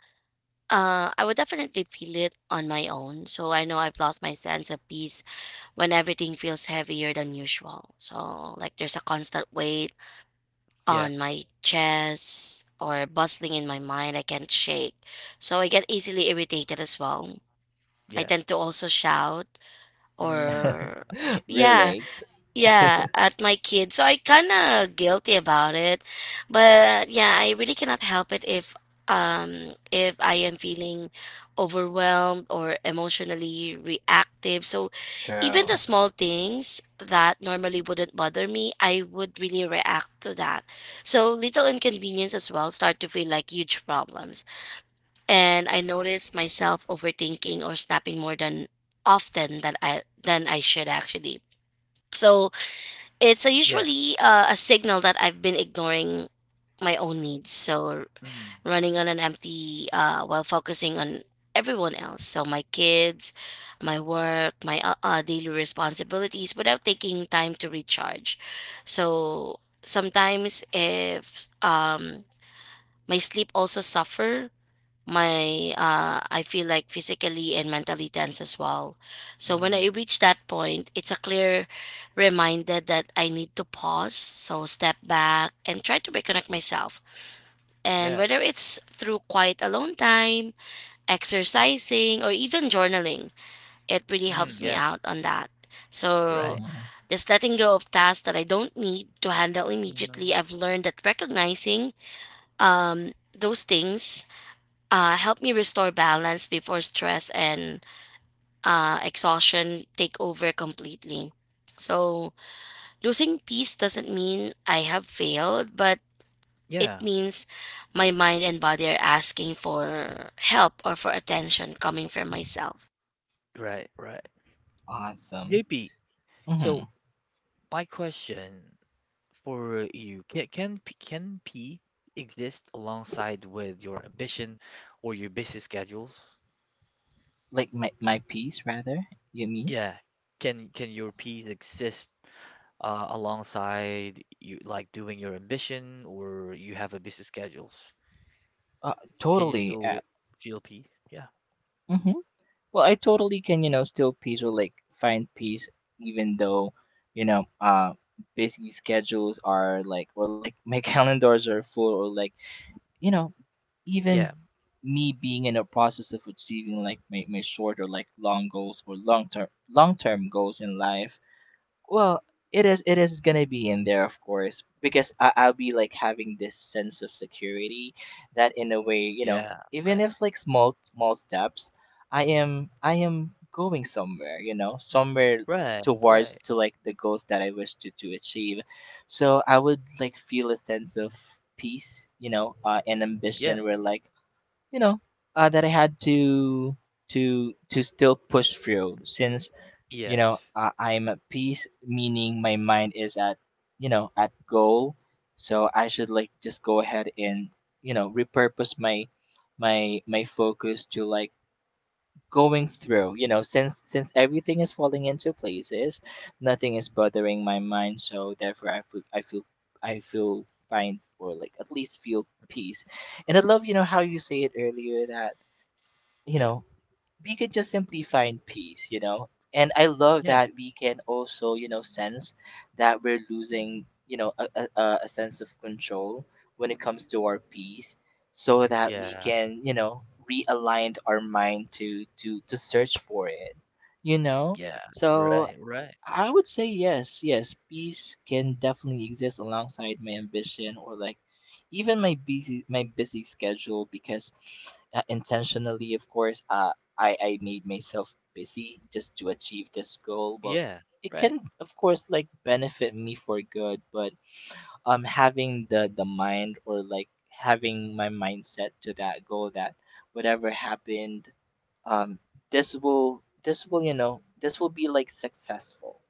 S3: I would definitely feel it on my own. So I know I've lost my sense of peace when everything feels heavier than usual. So, like, there's a constant weight
S1: Yeah,
S3: on my chest or bustling in my mind I can't shake. So I get easily irritated as well. I
S1: yeah.
S3: tend to also shout
S1: Mm,
S3: or, yeah,
S2: Relate.
S3: Yeah, at my kids. So I kind of guilty about it. But yeah, I really cannot help it if I am feeling overwhelmed or emotionally reactive. So even the
S2: True.
S3: small things that normally wouldn't bother me, I would really react to that. So little inconvenience as well start to feel like huge problems. And I notice myself overthinking or snapping more than often than I should actually. So it's a
S1: yeah.
S3: usually a signal that I've been ignoring my own needs. So
S1: Mm,
S3: running on an empty while focusing on everyone else. So my kids, my work, my daily responsibilities without taking time to recharge. So sometimes if my sleep also suffer my I feel like physically and mentally tense as well. So when I
S1: mm,
S3: reach that point, it's a clear reminder that I need to pause, so step back and try to reconnect myself. And
S1: yeah.
S3: whether it's through quiet alone time, exercising, or even journaling, it really
S1: Mm,
S3: helps me
S1: yeah.
S3: out on that. So
S1: Right.
S2: Hmm.
S3: just letting go of tasks that I don't need to handle
S1: hmm
S3: immediately, I've learned that recognizing um, those things help me restore balance before stress and exhaustion take over completely. So, losing peace doesn't mean I have failed, but it
S1: Yeah.
S3: means my mind and body are asking for help or for attention coming from myself.
S1: Right. Right.
S2: Awesome.
S1: JP. So
S2: Hmm.
S1: my question for you: Can P exist alongside with your ambition or your busy schedules?
S2: Like my piece rather. You mean?
S1: Yeah. Can your peace exist alongside you like doing your ambition or you have a busy schedules? Can you
S2: Totally.
S1: still feel peace? Yeah.
S2: Hmm. Well, I totally can you know still peace or like find peace, even though you know, busy schedules are like, or like my calendars are full, or like you know even
S1: Yeah.
S2: me being in a process of achieving like my short, or like long goals, or long term goals in life. Well, it is gonna be in there, of course, because I'll be like having this sense of security that in a way, you know,
S1: Yeah.
S2: even
S1: Right.
S2: if it's like small steps, I am going somewhere, you know, somewhere
S1: Right.
S2: towards
S1: Right.
S2: to like the goals that I wish to achieve. So I would like feel a sense of peace, you know, and
S1: Yeah.
S2: ambition where like you know that I had to still push through. Since you know
S1: Yes.
S2: I'm at peace, meaning my mind is at you know at goal. So I should like just go ahead and you know repurpose my my focus to like going through, you know, since everything is falling into places, nothing is bothering my mind, so therefore I feel fine, or like at least feel peace. And I love you know how you say it earlier that you
S1: Yeah.
S2: know we could just simply find peace, you know? And I love
S1: Yeah.
S2: that we can also, you know, sense that we're losing, you know, a sense of control when it comes to our peace, so that we
S1: Yeah.
S2: can, you know, realign our mind to search for it, you know?
S1: Yeah.
S2: So
S1: Right. Right.
S2: I would say yes, yes. Peace can definitely exist alongside my ambition, or like even my busy schedule. Because intentionally, of course, I made myself busy just to achieve this goal. Well,
S1: Yeah.
S2: it
S1: Right.
S2: can of course like benefit me for good. But having the mind, or like having my mindset to that goal, that whatever happened, um this will you know this will be like successful.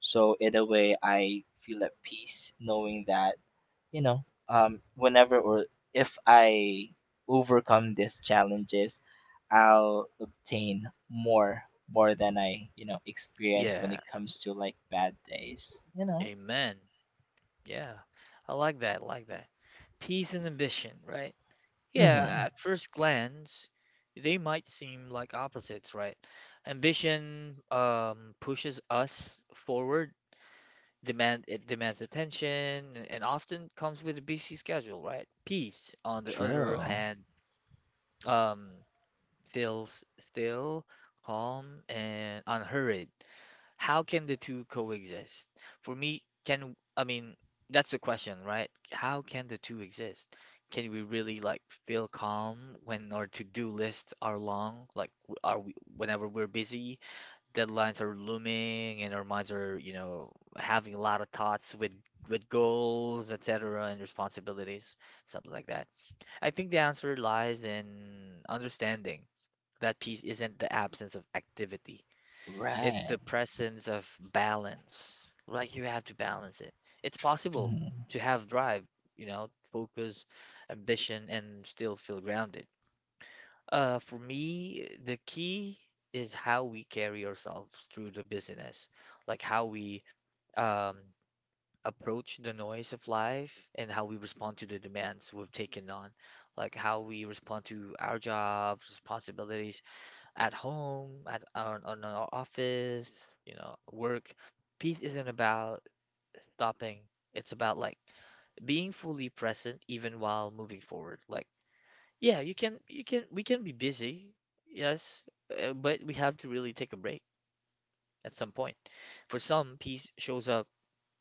S2: So in a way, I feel at peace knowing that you know, whenever or if I overcome these challenges, I'll obtain more than I you know experience when
S1: Yeah.
S2: it comes to like bad days, you know.
S1: Amen. Yeah. I like that. I like that. Peace and ambition, right? Yeah, at
S2: Mm-hmm.
S1: first glance, they might seem like opposites, right? Ambition pushes us forward, demand it demands attention, and often comes with a busy schedule, right? Peace, on the other
S2: True.
S1: hand, um, feels still, calm, and unhurried. How can the two coexist? For me, can I mean that's the question, right? How can the two exist? Can we really like feel calm when our to-do lists are long? Like w- are we whenever we're busy, deadlines are looming and our minds are, having a lot of thoughts with goals, etc., and responsibilities, something like that. I think the answer lies in understanding that peace isn't the absence of activity. It's
S2: Right.
S1: the presence of balance. Like you have to balance it. It's possible
S2: Mm-hmm.
S1: to have drive, focus, ambition, and still feel grounded. For me, the key is how we carry ourselves through the business, like how we um, approach the noise of life and how we respond to the demands we've taken on, like how we respond to our jobs, responsibilities, at home, on our office, work. Peace isn't about stopping. It's about like being fully present even while moving forward. Like, yeah, you can we can be busy, yes, but we have to really take a break at some point. For some, peace shows up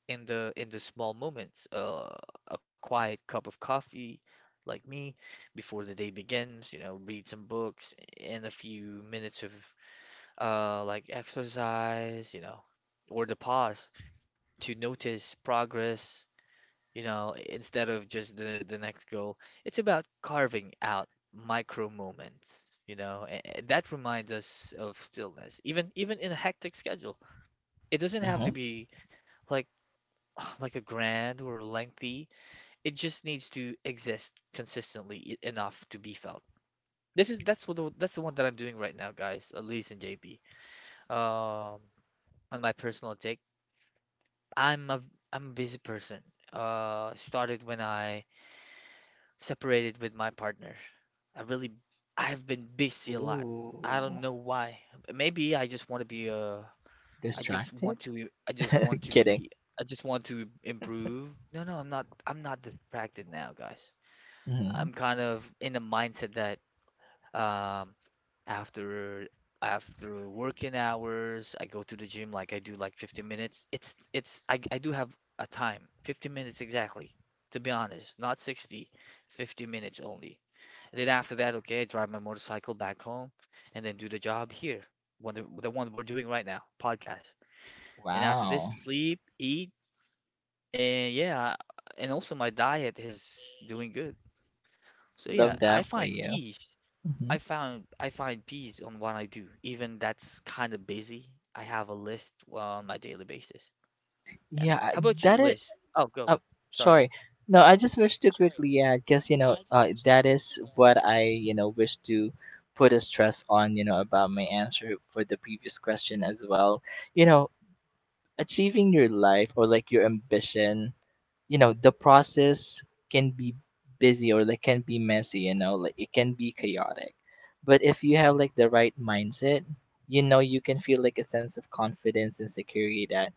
S1: in the small moments, a quiet cup of coffee like me before the day begins, read some books and a few minutes of like exercise, or the pause to notice progress, instead of just the next goal. It's about carving out micro moments, that reminds us of stillness, even in a hectic schedule. It doesn't have
S2: Mm-hmm.
S1: to be like like a grand or lengthy. It just needs to exist consistently enough to be felt. This is that's what the, that's the one that I'm doing right now, guys, Elise and JP. Um, on my personal take. I'm a I'm a busy person. Started when I separated with my partner. I really I've been busy a lot. I don't
S2: Ooh.
S1: know why. Maybe I just
S2: Distracted?
S1: want to I just want to
S2: Kidding.
S1: be I just want to improve. No, no, I'm not distracted now, guys.
S2: Mm-hmm.
S1: I'm kind of in the mindset that um after after working hours, I go to the gym like I do like 15 minutes. It's I do have a time, 15 minutes exactly. To be honest, not 60, 50 minutes only. And then after that, okay, I drive my motorcycle back home and then do the job here, the one we're doing right now, podcast. And after this,
S2: Wow.
S1: sleep, eat, and yeah, and also my diet is doing good. So yeah,
S2: Love
S1: I
S2: that for
S1: find
S2: you.
S1: peace.
S2: Mm-hmm.
S1: I find peace on what I do, even that's kind of busy. I have a list well, on my daily basis. Yeah.
S2: Yeah,
S1: How
S2: I-
S1: about you,
S2: that is
S1: Liz? Oh, go.
S2: Oh,
S1: Sorry.
S2: sorry. No, I just wish to quickly add, because you know, that is what I you know wish to put a stress on, you know, about my answer for the previous question as well. You know, achieving your life, or like your ambition, you know, the process can be busy, or like can be messy. You know, like it can be chaotic, but if you have like the right mindset, you know, you can feel like a sense of confidence and security that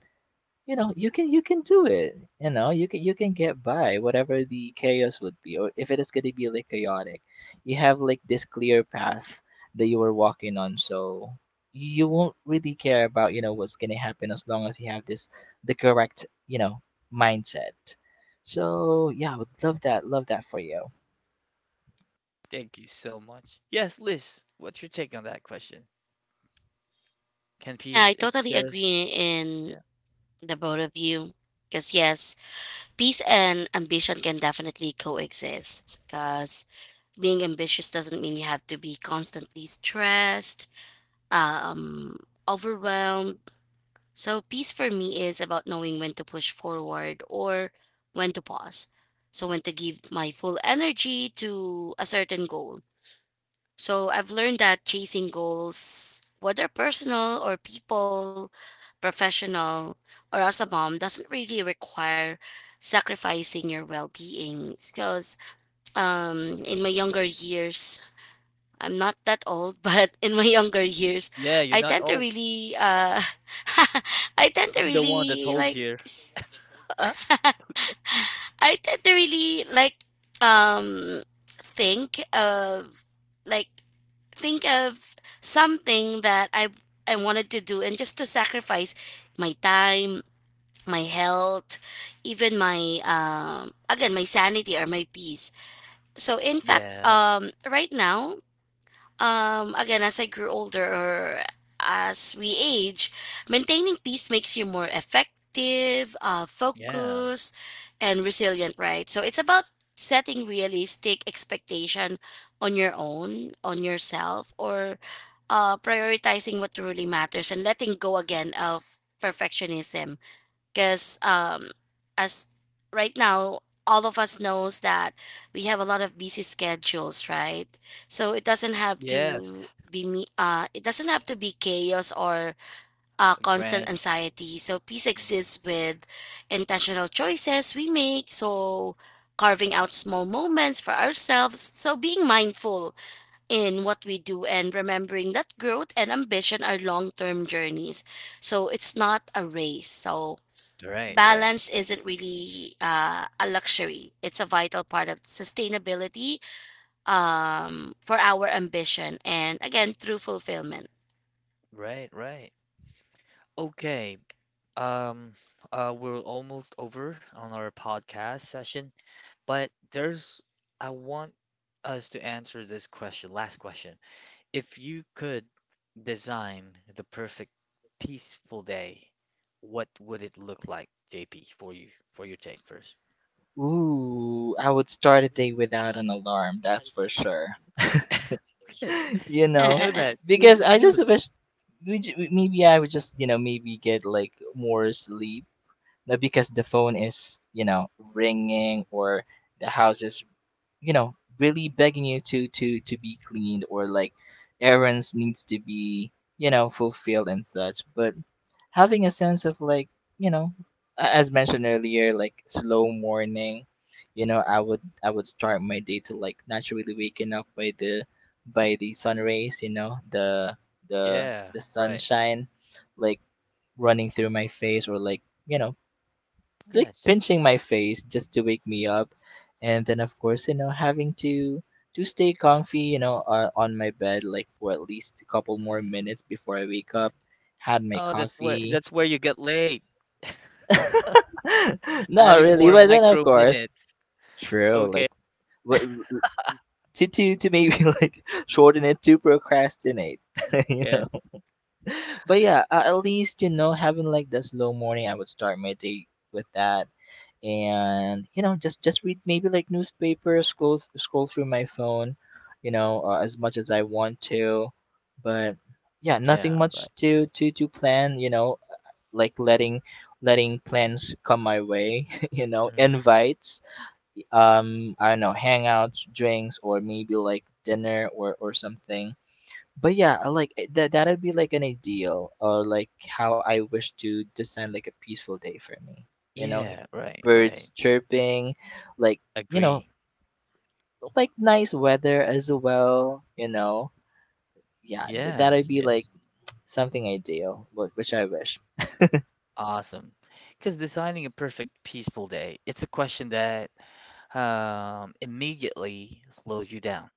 S2: you know you can do it, you know, you can get by whatever the chaos would be, or if it is going to be like chaotic, you have like this clear path that you are walking on. So you won't really care about you know what's going to happen, as long as you have this the correct you know mindset. So yeah, I would love that. Love that for you.
S1: Thank you so much. Yes, Liz, what's your take on that question? Can
S3: Yeah, I
S1: peace
S3: totally
S1: exist?
S3: agree in
S1: Yeah.
S3: the both of you. Because, yes, peace and ambition can definitely coexist. Because being ambitious doesn't mean you have to be constantly stressed um, overwhelmed. So, peace for me is about knowing when to push forward or when to pause. So, when to give my full energy to a certain goal. So, I've learned that chasing goals, whether personal or people, professional, or as a mom, doesn't really require sacrificing your well being. Because in my younger years, I'm not that old, but in my younger years,
S1: Yeah, you're
S3: I
S1: not
S3: tend to
S1: old.
S3: really I tend to
S1: I'm the one that's
S3: really
S1: old
S3: like
S1: here.
S3: s-
S1: Okay.
S3: I tend to really like um think of like think of something that I wanted to do and just to sacrifice my time, my health, even my again my sanity or my peace. So in fact,
S1: Yeah.
S3: right now again, as I grew older or as we age, maintaining peace makes you more effective,
S1: Yeah.
S3: focused, and resilient, right? So it's about setting realistic expectation on your own, on yourself, or prioritizing what truly matters and letting go again of perfectionism because as right now all of us knows that we have a lot of busy schedules, right? So it doesn't have
S1: Yes.
S3: to be me it doesn't have to be chaos or constant
S1: Grand.
S3: anxiety, so peace
S1: Mhm.
S3: exists with intentional choices we make, so carving out small moments for ourselves, so being mindful in what we do and remembering that growth and ambition are long-term journeys, so it's not a race. So
S1: Right, right.
S3: balance isn't really a luxury, it's a vital part of sustainability for our ambition and again through fulfillment.
S1: Right, right. Okay. Um, we're almost over on our podcast session. But I want us to answer this question, last question. If you could design the perfect peaceful day, what would it look like, JP, for you, for your take first?
S2: Ooh, I would start a day without an alarm, that's for sure.
S1: Okay.
S2: You
S1: Yeah, we
S2: know,
S1: know that. We
S2: because
S1: we
S2: I
S1: do
S2: just
S1: that.
S2: wish maybe I would just you know maybe get like more sleep. Not because the phone is you know ringing, or the house is you know really begging you to be cleaned, or like errands needs to be you know fulfilled and such. But having a sense of like you know as mentioned earlier, like slow morning, you know, I would start my day to like naturally waking up by the sun rays, you know, the the
S1: Yeah,
S2: the
S1: right.
S2: sunshine, like running through my face, or like you know like
S1: Yes.
S2: pinching my face just to wake me up. And then of course you know having to stay comfy, you know, on my bed like for at least a couple more
S1: Mm-mm.
S2: minutes before I wake up. Had my
S1: Oh, that's where
S2: coffee.
S1: that's where you get late.
S2: Not
S1: Adding
S2: really,
S1: more
S2: but then of
S1: micro
S2: course,
S1: minutes.
S2: true.
S1: Okay.
S2: Like what, to maybe like shorten it to procrastinate, you
S1: Yeah.
S2: know. But yeah, at least you know having like the slow morning, I would start my day with that, and you know just read maybe like newspaper, scroll through my phone, you know as much as I want to. But yeah, nothing
S1: Yeah, right.
S2: much to plan, you know, like letting plans come my way, you know,
S1: Mm.
S2: invites I don't know, hangouts, drinks, or maybe like dinner, or something. But yeah, I like it- that that'd be like an ideal, or like how I wish to design like a peaceful day for me, you know.
S1: Yeah, right,
S2: Birds
S1: right.
S2: chirping, like you know
S1: Agree.
S2: like nice weather as well, you know. Yeah, that'd
S1: Yes,
S2: be like
S1: yes.
S2: something ideal, which I wish.
S1: Awesome. Because designing a perfect peaceful day, it's a question that immediately slows you down.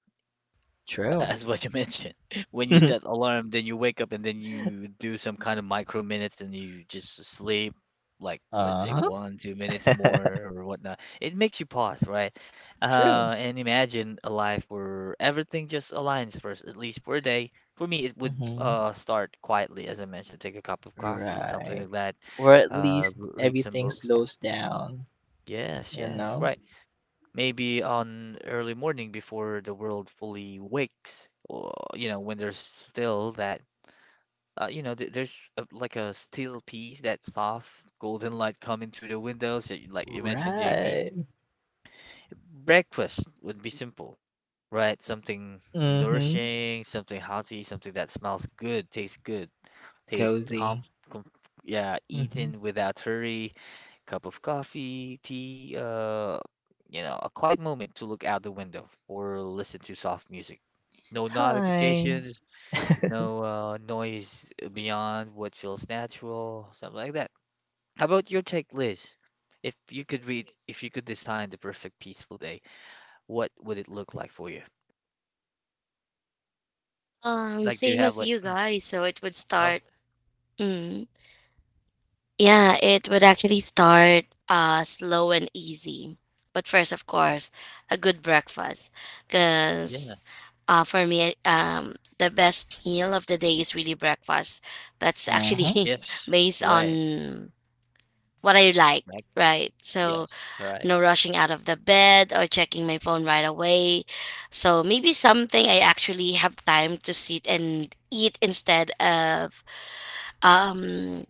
S2: True.
S1: As what you mentioned, when you set alarm, then you wake up and then you do some kind of micro minutes and you just sleep, like let's say
S2: Uh-huh.
S1: one, 2 minutes more or whatnot. It makes you pause, right?
S2: True.
S1: And imagine a life where everything just aligns first, at least for a day. For me, it would
S2: Hmm.
S1: start quietly, as I mentioned, take a cup of coffee, something
S2: Right.
S1: like that.
S2: Or at
S1: Uh,
S2: least
S1: re- read some
S2: everything
S1: books. Yeah.
S2: slows down,
S1: Yes.
S2: you
S1: Yes.
S2: know?
S1: Right. Maybe on early morning before the world fully wakes, or when there's still that, you know, th there's a, like a still piece, that soft golden light coming through the windows, that like you mentioned, JP.
S2: Right.
S1: Breakfast would be simple, right? Something
S2: Mm-hmm.
S1: nourishing, something healthy, something that smells good, tastes comf,
S2: Cozy.
S1: comf yeah,
S2: Mm-hmm.
S1: eaten without hurry cup of coffee, tea, a quiet moment to look out the window or listen to soft music. No
S2: Hi.
S1: notifications, no noise beyond what feels natural, something like that. How about your take, Liz? If you could design the perfect peaceful day, what would it look like for you? Like, do you
S3: Same
S1: have
S3: as you guys, so it would
S1: oh,
S3: start mm, yeah, it would actually start slow and easy. But first, of course, a good breakfast.
S1: yeah,
S3: Because for me, the best meal of the day is really breakfast. That's
S2: Uh-huh.
S3: actually
S1: yes,
S3: based
S1: right,
S3: on what I like,
S1: Magnus,
S3: right? So,
S1: yes, right.
S3: no rushing out of the bed or checking my phone right away. So, maybe something I actually have time to sit and eat instead of um,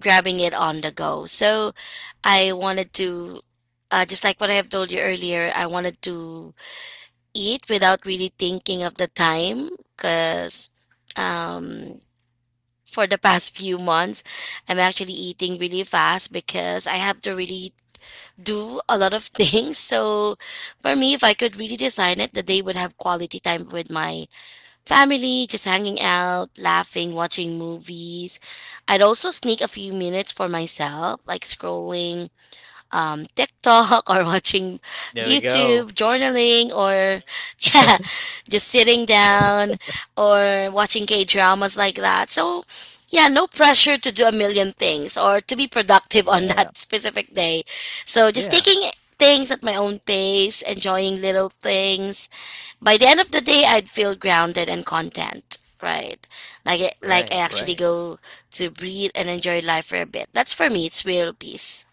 S3: grabbing it on the go. So I wanted to, just like what I have told you earlier, I wanted to eat without really thinking of the time because um, for the past few months, I'm actually eating really fast because I have to really do a lot of things. So for me, if I could really design it, the day would have quality time with my family, just hanging out, laughing, watching movies. I'd also sneak a few minutes for myself, like scrolling TikTok or watching
S1: There we go.
S3: YouTube, journaling, or yeah, just sitting down or watching K dramas like that. So, yeah, no pressure to do a million things or to be productive on
S1: Yeah,
S3: that specific day. So, just
S1: yeah,
S3: taking things at my own pace, enjoying little things. By the end of the day, I'd feel grounded and content. Right, like it,
S1: right,
S3: like I
S1: right.
S3: actually go to breathe and enjoy life for a bit. That's for me. It's real peace.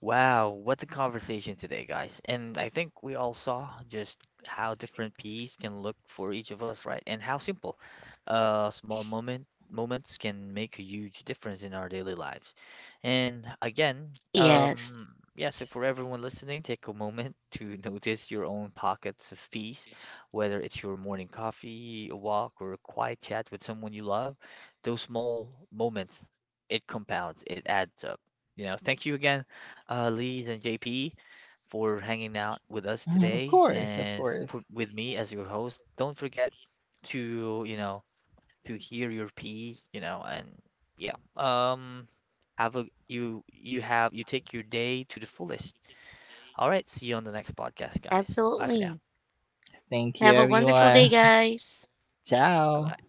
S1: Wow, what a conversation today, guys. And I think we all saw just how different peas can look for each of us, right? And how simple small moments can make a huge difference in our daily lives. And again,
S3: Yes.
S1: yeah, so for everyone listening, take a moment to notice your own pockets of peace, whether it's your morning coffee, a walk, or a quiet chat with someone you love, those small moments, it compounds, it adds up. You know, thank you again Lee and JP, for hanging out with us
S2: Mhm. Of
S1: today
S2: course, of
S1: and
S2: course.
S1: with me as your host. Don't forget to, you know, to hear your piece, and yeah, have a you you have you take your day to the fullest. All right, see you on the next podcast, guys. Bye for now.
S3: Absolutely.
S2: Thank you,
S3: Have a wonderful day,
S2: everyone.
S3: guys.
S1: Bye
S2: Ciao.
S1: bye.